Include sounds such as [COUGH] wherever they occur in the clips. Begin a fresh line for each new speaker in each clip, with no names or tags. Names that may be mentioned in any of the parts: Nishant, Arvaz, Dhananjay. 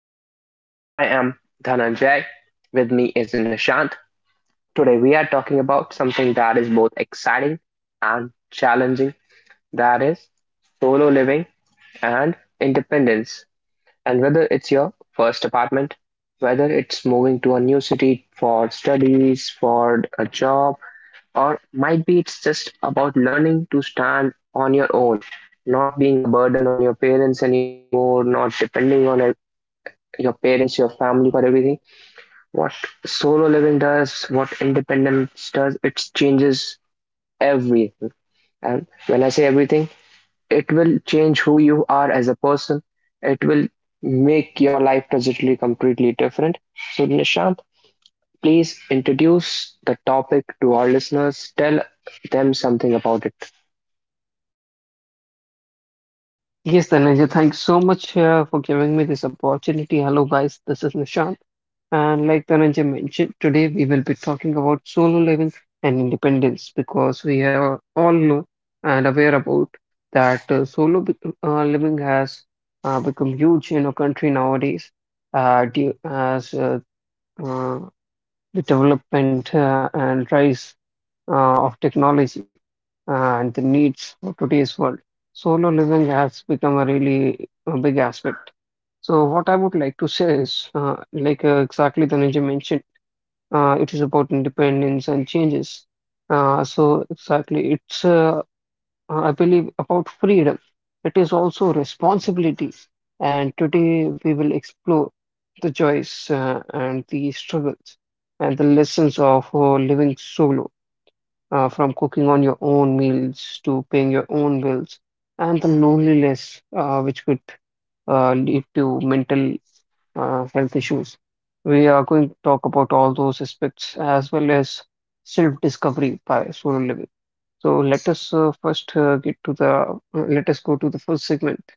Guys. I am Dhananjay. With me is Nishant. Today, we are talking about something that is both exciting and challenging, that is, solo living and independence. And whether it's your first apartment, whether it's moving to a new city for studies, for a job, or might be it's just about learning to stand on your own, not being a burden on your parents anymore, not depending on your parents, your family for everything. What solo living does, what independence does, it changes everything. And when I say everything, it will change who you are as a person. It will make your life trajectory completely different. So, Nishant, please introduce the topic to our listeners. Tell them something about it.
Yes, Tanisha, thanks so much for giving me this opportunity. Hello, guys, this is Nishant. And like Tanisha mentioned, today we will be talking about solo living and independence because we are all know and aware about that living has become huge in our country nowadays due as uh, the development and rise of technology and the needs for today's world. Solo living has become a really big aspect. So what I would like to say is, exactly the Ninja mentioned, it is about independence and changes. So exactly, it's, I believe, about freedom. It is also responsibility. And today we will explore the joys and the struggles and the lessons of living solo, from cooking on your own meals to paying your own bills, and the loneliness, which could lead to mental health issues. We are going to talk about all those aspects as well as self-discovery by solo living. So let us first get to the let us go to the first segment,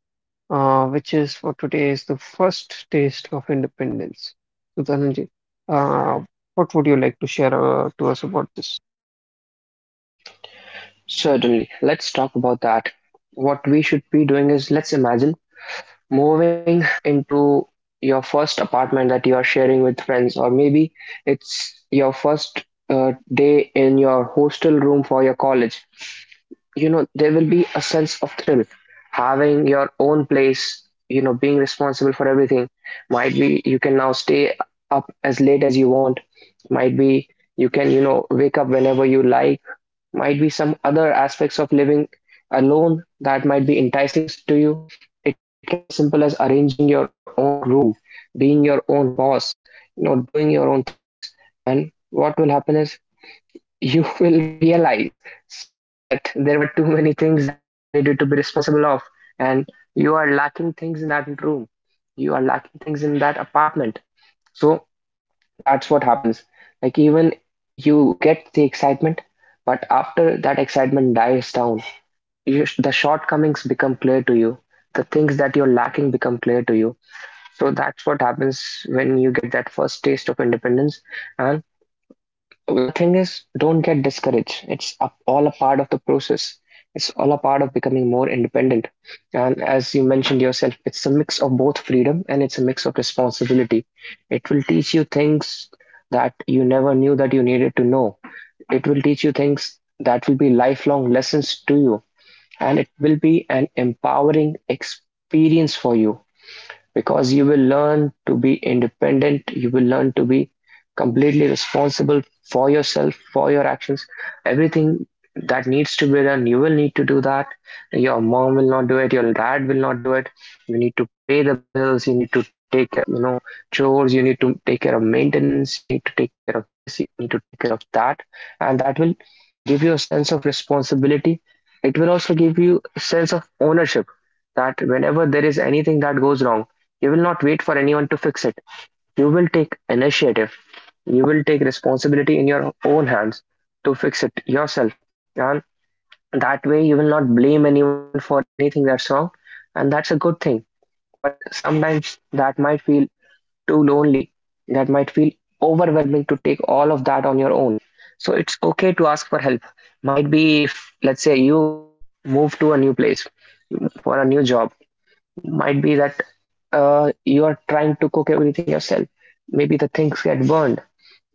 which is for today is the first taste of independence. So Dhananjay, uh, what would you like to share to us about this?
Certainly. Let's talk about that. What we should be doing is, let's imagine moving into your first apartment that you are sharing with friends, or maybe it's your first day in your hostel room for your college. There will be a sense of thrill. Having your own place, being responsible for everything. Might be you can now stay up as late as you want. Might be you can wake up whenever you like, might be some other aspects of living alone that might be enticing to you. It can be as simple as arranging your own room, being your own boss, doing your own things. And what will happen is, you [LAUGHS] will realize soon that there were too many things that you needed to be responsible of, and you are lacking things in that room. You are lacking things in that apartment. So that's what happens. Like, even you get the excitement, but after that excitement dies down, the shortcomings become clear to you. The things that you're lacking become clear to you. So that's what happens when you get that first taste of independence, and the thing is, don't get discouraged. It's all a part of the process. It's all a part of becoming more independent, and as you mentioned yourself, it's a mix of both freedom, and it's a mix of responsibility. It will teach you things that you never knew that you needed to know. It will teach you things that will be lifelong lessons to you, and it will be an empowering experience for you, because you will learn to be independent. You will learn to be completely responsible for yourself, for your actions. Everything that needs to be done, you will need to do that. Your mom will not do it. Your dad will not do it. You need to pay the bills. You need to take care of chores. You need to take care of maintenance. You need to take care of this. You need to take care of that. And that will give you a sense of responsibility. It will also give you a sense of ownership, that whenever there is anything that goes wrong, you will not wait for anyone to fix it. You will take initiative. You will take responsibility in your own hands to fix it yourself. And that way, you will not blame anyone for anything that's wrong. And that's a good thing. But sometimes that might feel too lonely. That might feel overwhelming to take all of that on your own. So it's okay to ask for help. Might be if, let's say, you move to a new place for a new job, might be that you are trying to cook everything yourself. Maybe the things get burned,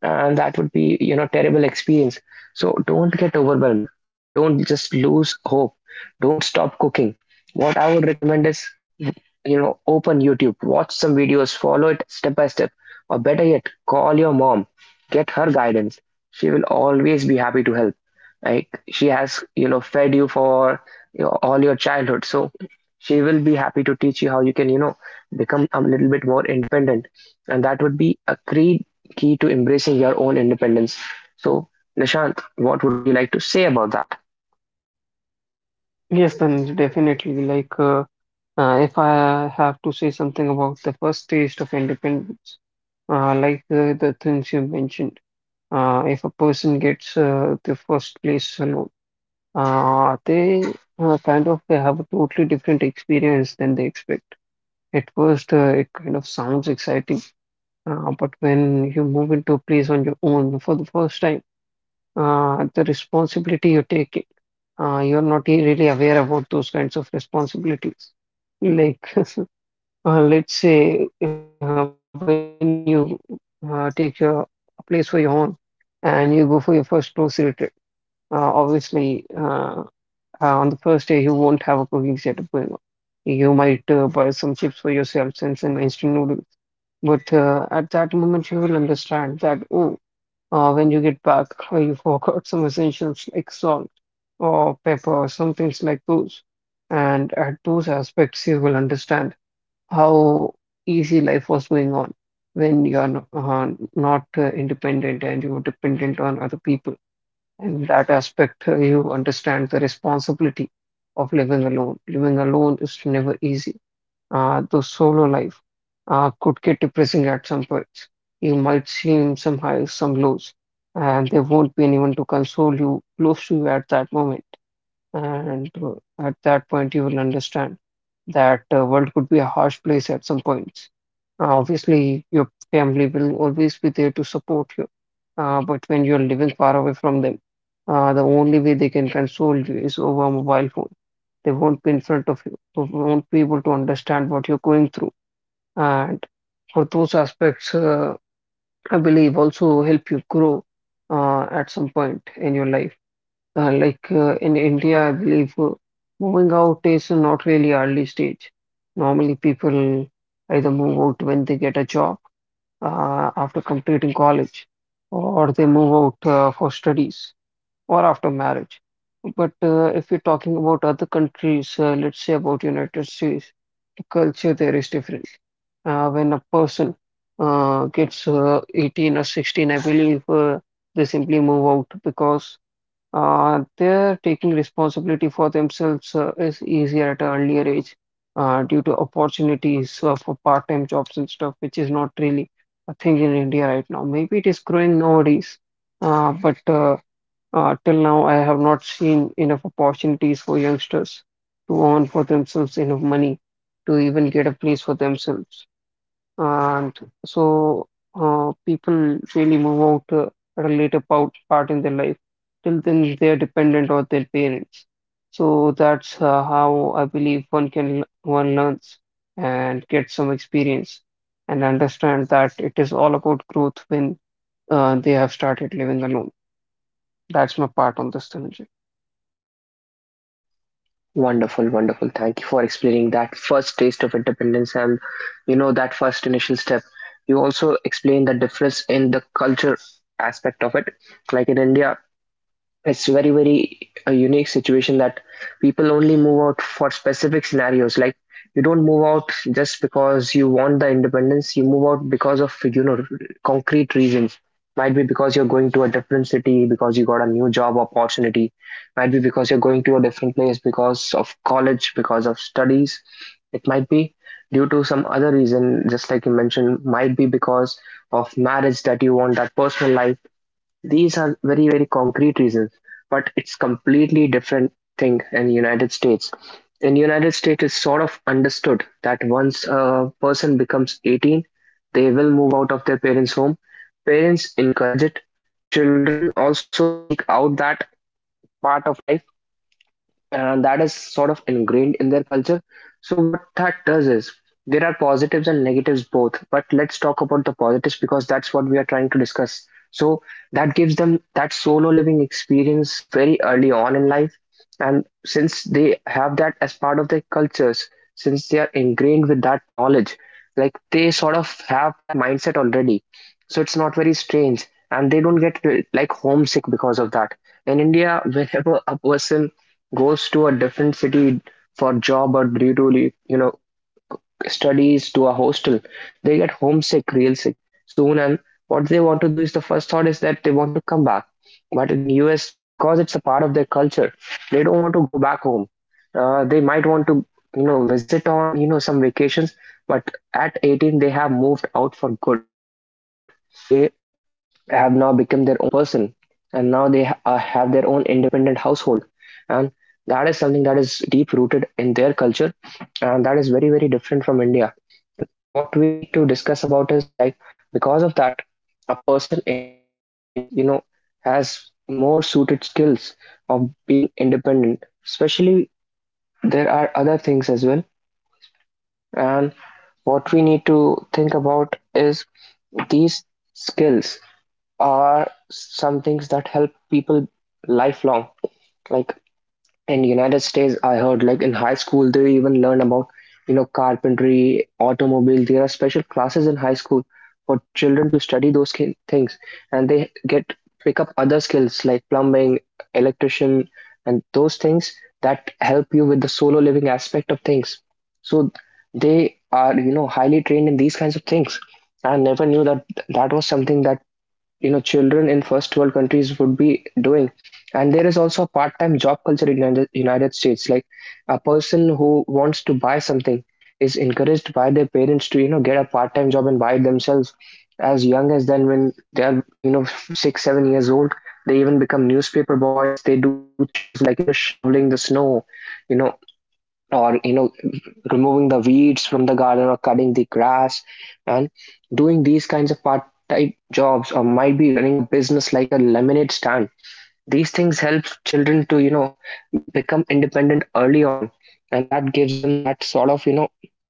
and that would be terrible experience. So don't get overwhelmed. Don't just lose hope. Don't stop cooking. What I would recommend is, open YouTube, watch some videos, follow it step by step, or better yet, call your mom. Get her guidance. She will always be happy to help. Like, she has fed you for all your childhood, so she will be happy to teach you how you can become a little bit more independent. And that would be a great key to embracing your own independence. So, Nishant, what would you like to say about that?
Yes, then definitely. If I have to say something about the first taste of independence, the things you mentioned, if a person gets the first place alone, they kind of they have a totally different experience than they expect. At first, it kind of sounds exciting, but when you move into a place on your own for the first time, the responsibility you take it. You're not really aware about those kinds of responsibilities. Like, [LAUGHS] let's say when you take your a place for your own and you go for your first grocery trip, obviously, on the first day, you won't have a cooking setup going on. You might buy some chips for yourself and some instant noodles. But at that moment, you will understand that, oh, when you get back, you forgot some essentials like salt or pepper, some things like those. And at those aspects, you will understand how easy life was going on when you are not independent and you are dependent on other people. In that aspect, you understand the responsibility of living alone. Living alone is never easy. The solo life could get depressing at some points. You might see some highs, some lows, and there won't be anyone to console you close to you at that moment. And At that point, you will understand that world could be a harsh place at some points. Obviously, your family will always be there to support you, but when you're living far away from them, the only way they can console you is over a mobile phone. They won't be in front of you, so won't be able to understand what you're going through. And for those aspects, I believe also help you grow at some point in your life. In India, I believe moving out is not really early stage. Normally, people either move out when they get a job after completing college, or they move out for studies or after marriage. But if we are talking about other countries, let's say about United States, the culture there is different. When a person gets 18 or 16, I believe they simply move out because their taking responsibility for themselves is easier at an earlier age due to opportunities for part-time jobs and stuff, which is not really a thing in India right now. Maybe it is growing nowadays, but till now, I have not seen enough opportunities for youngsters to earn for themselves enough money to even get a place for themselves. And so people really move out at a later part in their life. Till then, they are dependent on their parents. So that's how I believe one learns and get some experience and understand that it is all about growth when they have started living alone. That's my part on this, Dhananjay.
Wonderful, wonderful. Thank you for explaining that first taste of independence, and that first initial step. You also explained the difference in the culture aspect of it. Like in India, it's very very a unique situation, that people only move out for specific scenarios. Like, you don't move out just because you want the independence. You move out because of concrete reasons. Might be because you're going to a different city, because you got a new job opportunity. Might be because you're going to a different place because of college, because of studies. It might be due to some other reason, just like you mentioned, might be because of marriage, that you want that personal life. These are very, very concrete reasons, but it's completely different thing in United States. In United States, it's sort of understood that once a person becomes 18, they will move out of their parents' home. Parents encourage it. Children also seek out that part of life, and that is sort of ingrained in their culture. So what that does is, there are positives and negatives both, but let's talk about the positives because that's what we are trying to discuss. So that gives them that solo living experience very early on in life, and since they have that as part of their cultures, since they are ingrained with that knowledge, like they sort of have that mindset already. So it's not very strange, and they don't get like homesick because of that. In India, [LAUGHS] whenever a person goes to a different city for job, or due to studies, to a hostel, they get homesick real sick soon, and what they want to do is, the first thought is that they want to come back. But in US, because it's a part of their culture, they don't want to go back home. They might want to visit on some vacations, but at 18 they have moved out for good. They have now become their own person, and now they have their own independent household. And that is something that is deep rooted in their culture, and that is very very different from India. And what we need to discuss about is, like, because of that, a person in United States, has more suited skills of being independent especially. There are other things as well, and what we need to think about is, these skills are some things that help people lifelong. Like, in United States, I heard like in high school they even learn about carpentry, automobile. There are special classes in high school for children to study those things, and they get pick up other skills like plumbing, electrician, and those things that help you with the solo living aspect of things. So they are highly trained in these kinds of things. I never knew that that was something that children in first world countries would be doing. And there is also a part-time job culture in United States. Like, a person who wants to buy something is encouraged by their parents to get a part-time job and buy it themselves, as young as then when they are 6 7 years old. They even become newspaper boys. They do chores, like shoveling the snow, you know or removing the weeds from the garden, or cutting the grass, and doing these kinds of part time jobs, or might be running a business like a lemonade stand. These things help children to become independent early on, and that gives them that sort of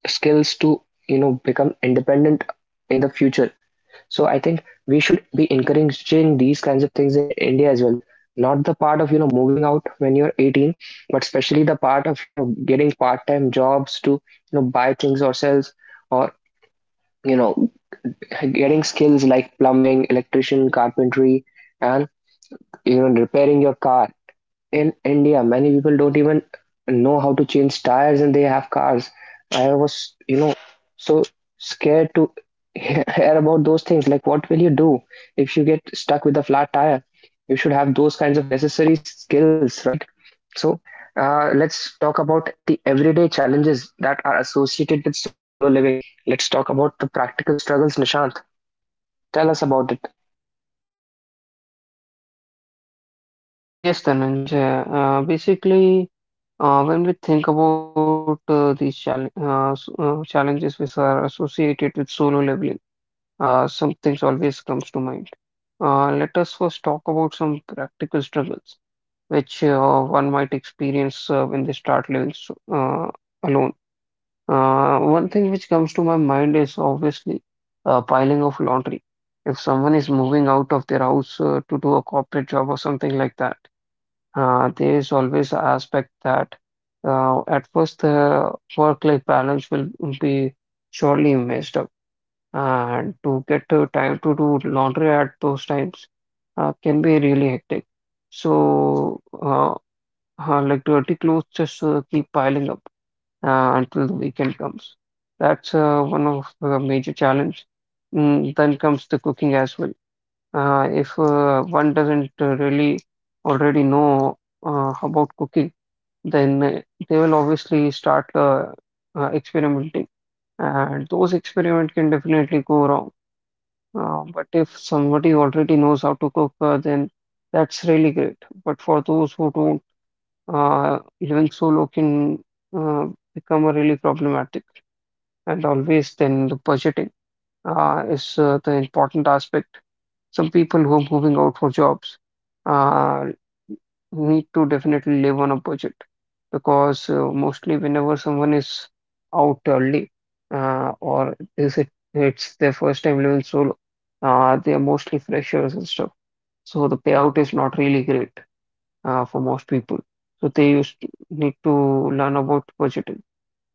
skills to become independent in the future. So I think we should be encouraging these kinds of things in India as well. Not the part of moving out when you're 18, but especially the part of getting part-time jobs to buy things ourselves, or, you know, getting skills like plumbing, electrician, carpentry, and repairing your car. In India, many people don't even know how to change tires and they have cars. I was so scared to [LAUGHS] hear about those things. Like, what will you do if you get stuck with a flat tire? You should have those kinds of necessary skills, right? So, let's talk about the everyday challenges that are associated with solo living. Let's talk about the practical struggles, Nishant. Tell us about it.
Yes, Dhananjay. Basically, when we think about these challenges which are associated with solo leveling, some things always comes to mind. Let us first talk about some practical struggles which one might experience when they start living alone. One thing which comes to my mind is obviously piling of laundry. If someone is moving out of their house to do a corporate job or something like that, there is always an aspect that at first the work-life balance will be surely messed up, and to get the time to do laundry at those times can be really hectic. So, like dirty clothes just keep piling up until the weekend comes. That's one of the major challenge. Mm, then comes the cooking as well. If one doesn't really already know about cooking, then they will obviously start experimenting, and those experiments can definitely go wrong. But if somebody already knows how to cook, then that's really great. But for those who don't, living solo can uh, become a really problematic, and always then the budgeting is the important aspect. Some people who are moving out for jobs uh, need to definitely live on a budget because mostly whenever someone is out early or is it it's their first time living solo, they are mostly freshers and stuff. So the payout is not really great for most people. So they used to need to learn about budgeting.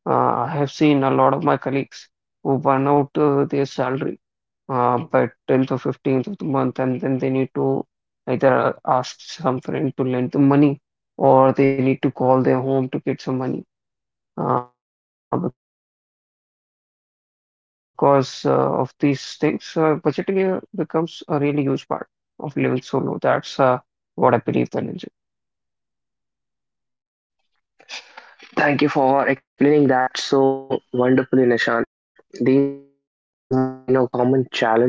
I have seen a lot of my colleagues who burn out their salary by 10th or 15th of the month, and then they need to either ask some friend to lend them money or they need to call their home to get some money. Because Of these things, budgeting becomes a really huge part of living solo. That's what I believe, Dhananjay.
Thank you for explaining that so wonderfully, Nishant. These are some of the common challenges.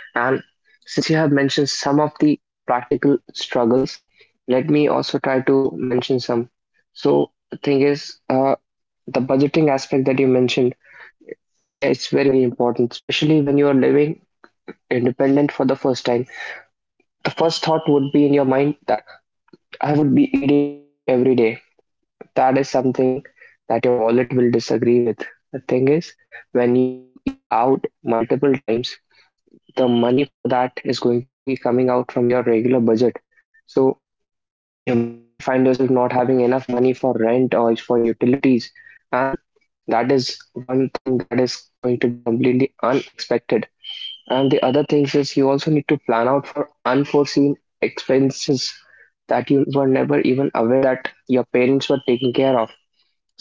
And since you have mentioned some of the practical struggles, let me also try to mention some. So the thing is, the budgeting aspect that you mentioned, yeah, it's very, very important, especially when you are living independent for the first time. The first thought would be in your mind that I would be eating out every day. That is something that your wallet will disagree with. The thing is, when you eat out multiple times, the money for that is going to be coming out from your regular budget. So you might find yourself not having enough money for rent or for utilities. And that is one thing that is going to be completely unexpected. And the other things is you also need to plan out for unforeseen expenses that you were never even aware that your parents were taking care of.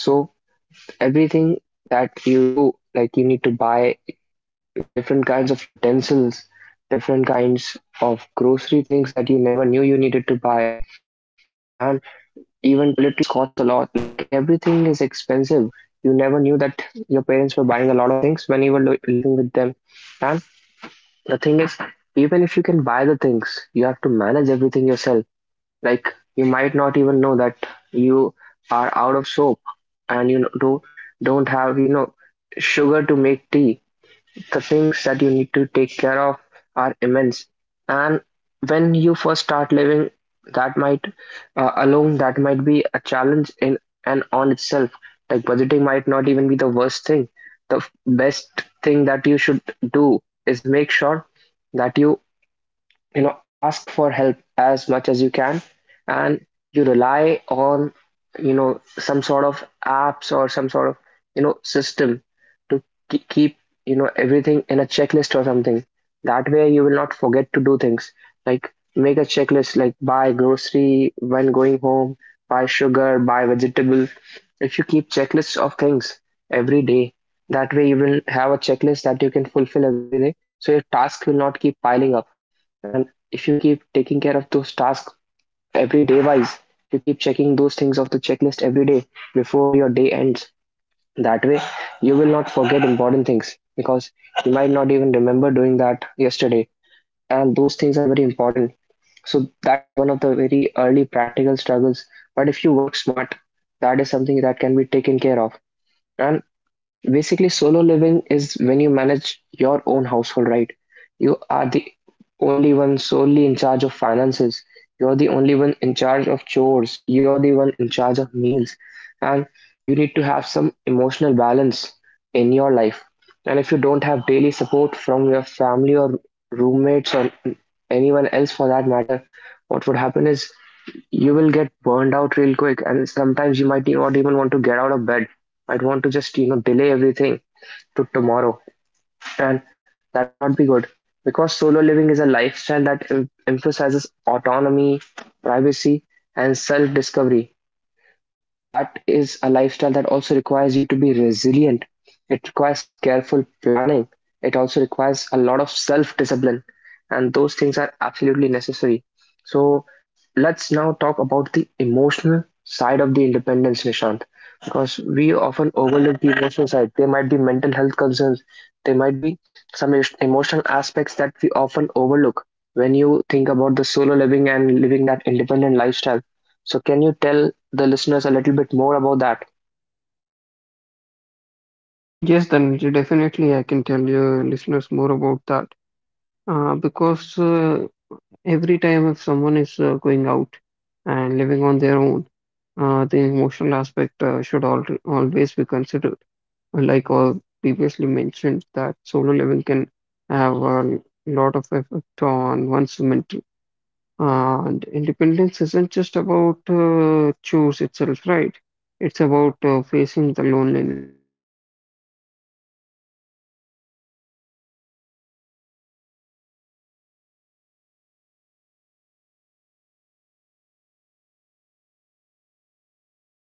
So everything that you do, like you need to buy different kinds of utensils, different kinds of grocery things that you never knew you needed to buy, and even toiletries costs a lot. Like everything is expensive. You never knew that your parents were buying a lot of things when you were living with them. And the thing is, even if you can buy the things, you have to manage everything yourself. Like you might not even know that you are out of soap, and don't have sugar to make tea. The things that you need to take care of are immense, and when you first start living, that might alone, that might be a challenge in and on itself. Like budgeting might not even be the worst thing. The best thing that you should do is make sure that you know ask for help as much as you can, and you rely on you know some sort of apps or some sort of system to keep everything in a checklist or something. That way you will not forget to do things, like make a checklist like buy grocery when going home, buy sugar, buy vegetable. If you keep checklists of things every day, that way you will have a checklist that you can fulfill every day, so your task will not keep piling up. And if you keep taking care of those tasks every day wise, you keep checking those things of the checklist every day before your day ends. That way, you will not forget important things because you might not even remember doing that yesterday. And those things are very important. So, that is one of the very early practical struggles. But if you work smart, that is something that can be taken care of. And basically, solo living is when you manage your own household, right? You are the only one solely in charge of finances. You're the only one in charge of chores. You're the one in charge of meals. And you need to have some emotional balance in your life. And if you don't have daily support from your family or roommates or anyone else for that matter, what would happen is you will get burned out real quick, and sometimes you might not even want to get out of bed, might want to just delay everything to tomorrow. And that would not be good, because solo living is a lifestyle that emphasizes autonomy, privacy, and self discovery. That is a lifestyle that also requires you to be resilient. It requires careful planning. It also requires a lot of self discipline. And those things are absolutely necessary. So let's now talk about the emotional side of the independence, Nishant, because we often overlook the emotional side. There might be mental health concerns, there might be some emotional aspects that we often overlook when you think about the solo living and living that independent lifestyle. So, can you tell the listeners a little bit more about that.
Yes, Dhananjay, definitely I can tell your listeners more about that. Because Every time if someone is going out and living on their own, the emotional aspect should al always be considered. Like all previously mentioned, that solo living can have a lot of effect on one's mental. And independence isn't just about choose itself, right? It's about facing the loneliness and learning to enjoy your own company and building resilience. Because Yeah, because the thing is,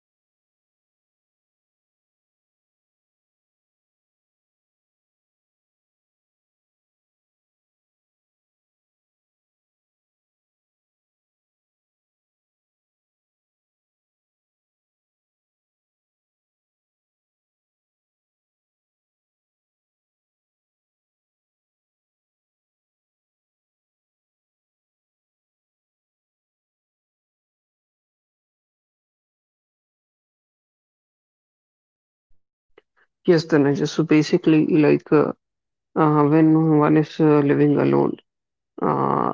yes, Tanuja. So basically, like when one is living alone,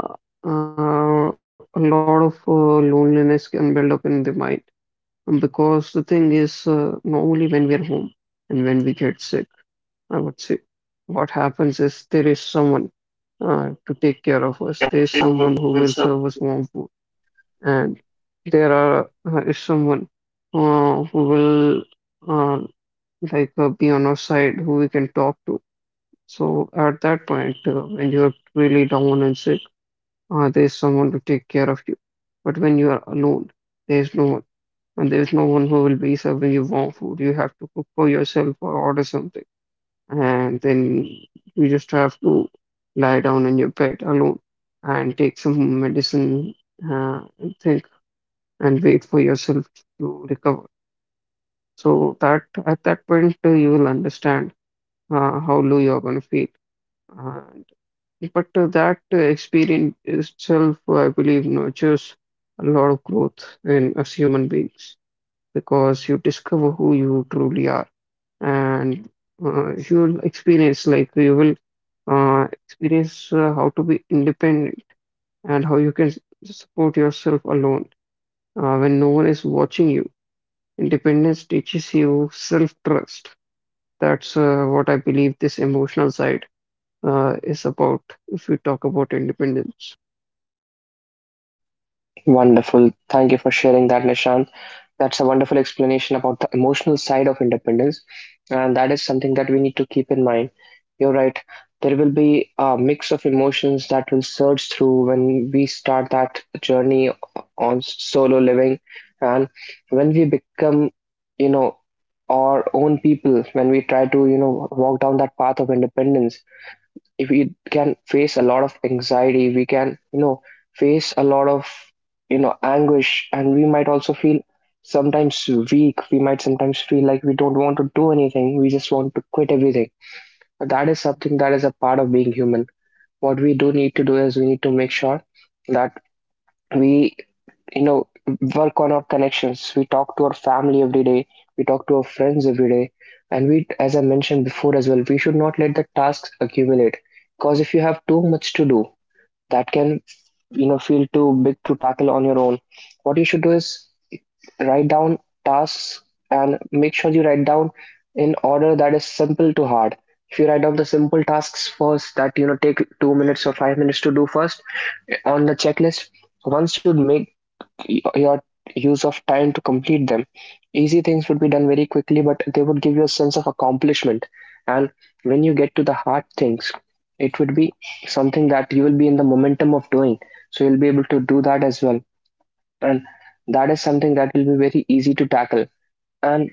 uh, a lot of loneliness can build up in the mind. Because the thing is, normally when we are home and when we get sick, I would say, what happens is there is someone to take care of us. There is someone who will serve us warm food, and there are is someone who will. Uh, be on our side who we can talk to. So at that point, when you're really down and sick, there's someone to take care of you. But when you are alone, there's no one, and there's no one who will be serving you warm food. You have to cook for yourself or order something, and then you just have to lie down in your bed alone and take some medicine and think and wait for yourself to recover. So that at that point, you will understand how low you're going to feel. And, but that experience itself, I believe, nurtures a lot of growth in us human beings because you discover who you truly are, and you will experience how to be independent and how you can support yourself alone when no one is watching you. Independence teaches you self-trust. That's what I believe this emotional side is about if we talk about independence.
Wonderful. Thank you for sharing that, Nishant. That's a wonderful explanation about the emotional side of independence. And that is something that we need to keep in mind. You're right. There will be a mix of emotions that will surge through when we start that journey on solo living. And when we become, you know, our own people, when we try to, walk down that path of independence, if we can face a lot of anxiety, we can face a lot of anguish, and we might also feel sometimes weak. We might sometimes feel like we don't want to do anything, we just want to quit everything. But that is something that is a part of being human. What we do need to do is we need to make sure that we you know work on our connections, we talk to our family every day, we talk to our friends every day. And we, as I mentioned before as well, we should not let the tasks accumulate, because if you have too much to do, that can feel too big to tackle on your own. What you should do is write down tasks, and make sure you write down in order that is simple to hard. If you write down the simple tasks first, that take 2 minutes or 5 minutes to do first, on the checklist, once you make your use of time to complete them. Easy things would be done very quickly, but they would give you a sense of accomplishment. And when you get to the hard things, it would be something that you will be in the momentum of doing. So you'll be able to do that as well. And that is something that will be very easy to tackle. And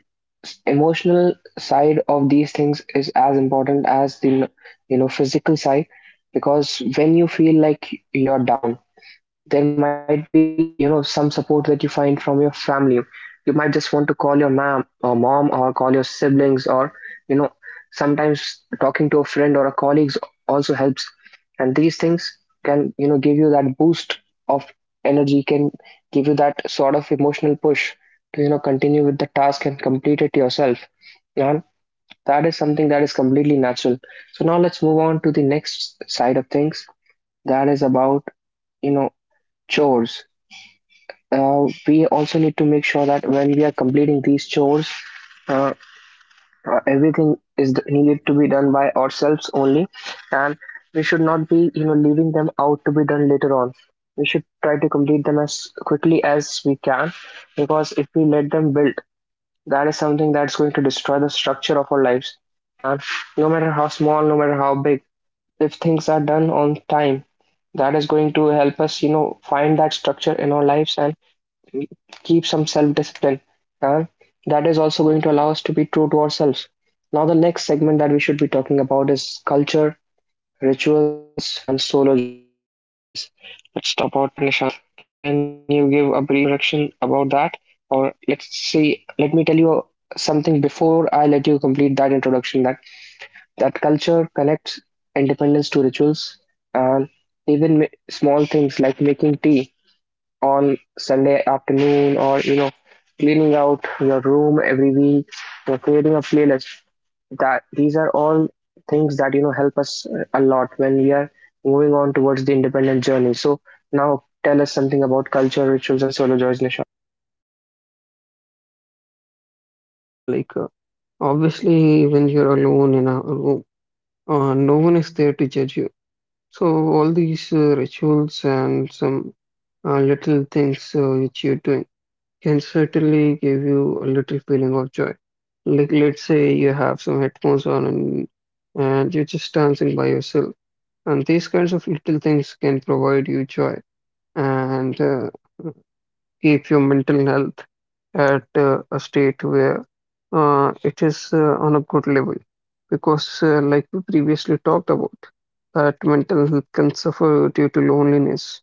emotional side of these things is as important as the physical side, because when you feel like you're down, there might be some support that you find from your family. You might just want to call your mom or call your siblings, or you know sometimes talking to a friend or a colleague also helps. And these things can give you that boost of energy, can give you that sort of emotional push to continue with the task and complete it yourself. And that is something that is completely natural. So now let's move on to the next side of things, that is about you know chores. We also need to make sure that when we are completing these chores, uh, everything is needed to be done by ourselves only, and we should not be, leaving them out to be done later on. We should try to complete them as quickly as we can, because if we let them build, that is something that's going to destroy the structure of our lives. And no matter how small, no matter how big, if things are done on time, that is going to help us, find that structure in our lives and keep some self discipline. And that is also going to allow us to be true to ourselves. Now the next segment that we should be talking about is culture, rituals, and solo joys. Let's talk about that, Nishant. Can you give a brief introduction about that, or let's see, let me tell you something before I let you complete that introduction, that culture connects independence to rituals. And even small things like making tea on Sunday afternoon, or cleaning out your room every week, or creating a playlist, that these are all things that help us a lot when we are moving on towards the independent journey. So now tell us something about culture, rituals, and solo joys, Nishan.
Definitely, Dhananjay, obviously when you're alone in a room, no one is there to judge you. So all these rituals and some little things which you're doing can certainly give you a little feeling of joy. Like let's say you have some headphones on and you're just dancing by yourself. And these kinds of little things can provide you joy. And Keep your mental health at a state where it is on a good level. Because, like we previously talked about, that mental health can suffer due to loneliness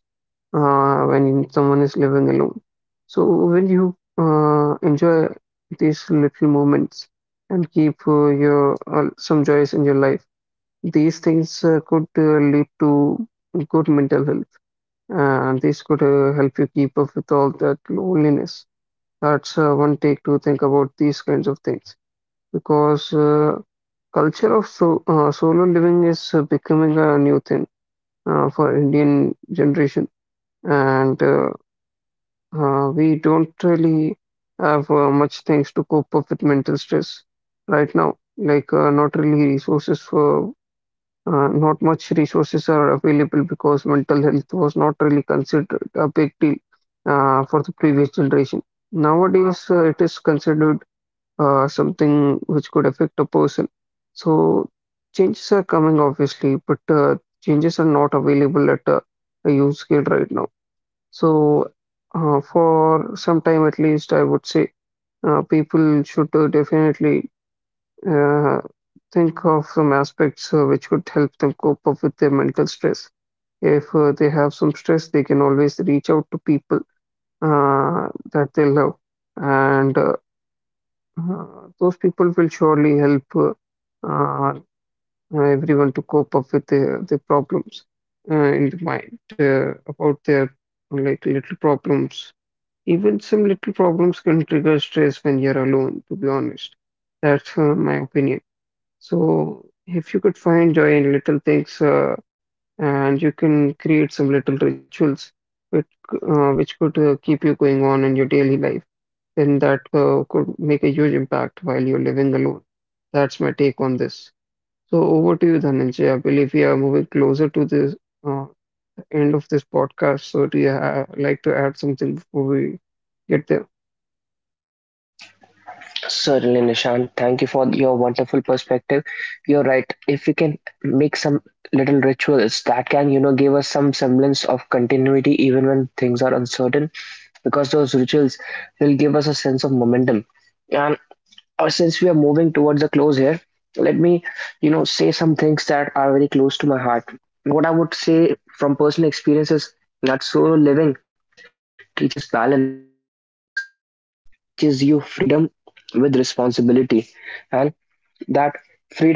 when someone is living alone. So, when you enjoy these little moments and keep your some joys in your life, these things could lead to good mental health, and this could help you keep up with all that loneliness. That's one take to think about these kinds of things because culture of solo living is becoming a new thing for Indian generation, and we don't really have much things to cope up with mental stress right now. Like not really resources for not much resources are available because mental health was not really considered a big deal for the previous generation. Nowadays, it is considered something which could affect a person. So changes are coming, obviously, but changes are not available at a huge scale right now. So for some time at least, I would say people should definitely uh, think of some aspects which could help them cope up with their mental stress. If they have some stress, they can always reach out to people that they love and those people will surely help uh, everyone to cope up with their problems in the mind about their like little problems. Even some little problems can trigger stress when you're alone, to be honest. That's my opinion. So if you could find joy in little things and you can create some little rituals which could keep you going on in your daily life, and that could make a huge impact while you're living alone. That's my take on this. So over to you, Dhananjay. I believe we are moving closer to this uh, the end of this podcast. So do you ha like to add something before we get there?
Certainly, Nishan, thank you for your wonderful perspective. You're right, if we can make some little rituals that can give us some semblance of continuity even when things are uncertain, because those rituals will give us a sense of momentum. And since we are moving towards the close here, let me, say some things that are very close to my heart. What I would say from personal experience is that solo living teaches balance. It teaches you freedom with responsibility, and that freedom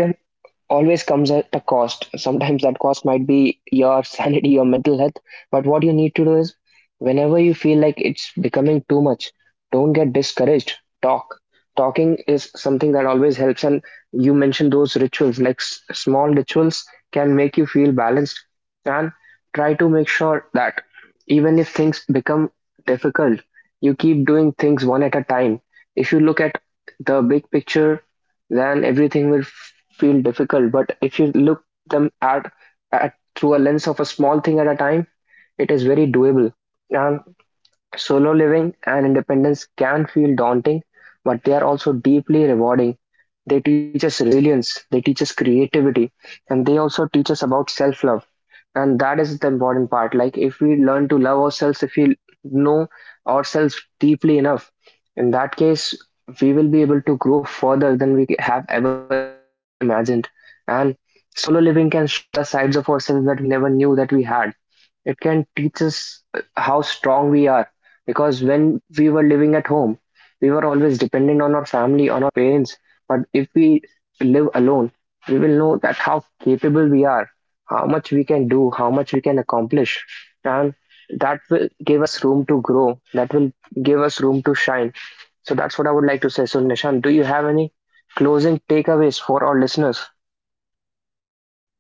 always comes at a cost. Sometimes that cost might be your [LAUGHS] sanity, your mental health. But what you need to do is, whenever you feel like it's becoming too much, don't get discouraged. Talk. Talking is something that always helps. And you mentioned those rituals, like small rituals can make you feel balanced. And try to make sure that even if things become difficult, you keep doing things one at a time. If you look at the big picture, then everything will feel difficult. But if you look them at through a lens of a small thing at a time, it is very doable. And solo living and independence can feel daunting, but they are also deeply rewarding. They teach us resilience, they teach us creativity, and they also teach us about self love. And that is the important part. Like, if we learn to love ourselves, if we know ourselves deeply enough, in that case, we will be able to grow further than we have ever imagined. And solo living can show us the sides of ourselves that we never knew that we had. It can teach us how strong we are, because when we were living at home, we were always dependent on our family, on our parents. But if we live alone, we will know that how capable we are, how much we can do, how much we can accomplish. And that will give us room to grow, that will give us room to shine. So that's what I would like to say. So Nishan, do you have any closing takeaways for our listeners?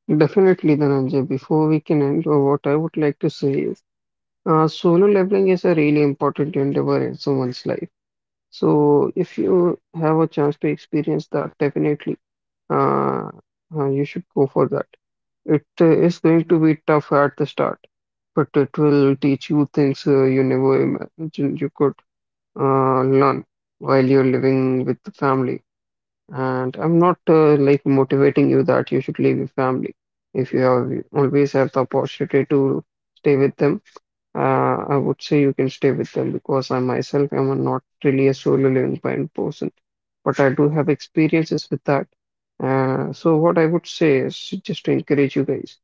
Definitely, Dhananjay. Before we can end, what I would like to say is solo leveling is a really important endeavor in someone's life. So if you have a chance to experience that, definitely uh, you should go for that. It is going to be tough at the start, but it will teach you things you never imagined you could learn while you're living with the family. And I'm not like motivating you that you should leave your family. If you have you always have the opportunity to stay with them. uh, I would say you can stay with them because I myself am a not really a solo living kind person, but I do have experiences with that. So what I would say is just to encourage you guys.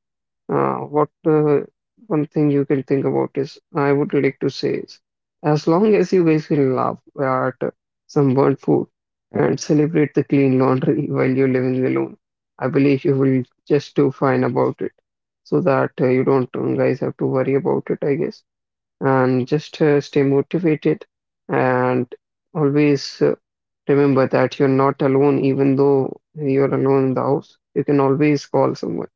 What One thing you can think about is I would like to say is, as long as you guys will laugh at some burnt food and celebrate the clean laundry [LAUGHS] while you're living alone, I believe you will just do fine about it, so that you don't guys have to worry about it, I guess, and just stay motivated, and always remember that you're not alone, even though you're alone in the house. You can always call someone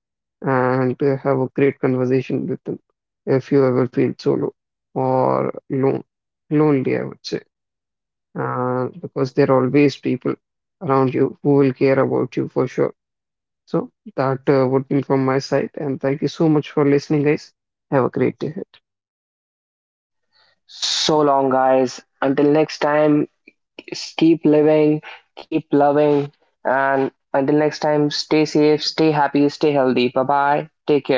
and have a great conversation with them if you ever feel solo or lonely, I would say, because there are always people around you who will care about you for sure. So that would be from my side, and thank you so much for listening, guys. Have a great day.
So long, guys. Until next time, keep living, keep loving, and until next time, stay safe, stay happy, stay healthy. Bye bye. Take care.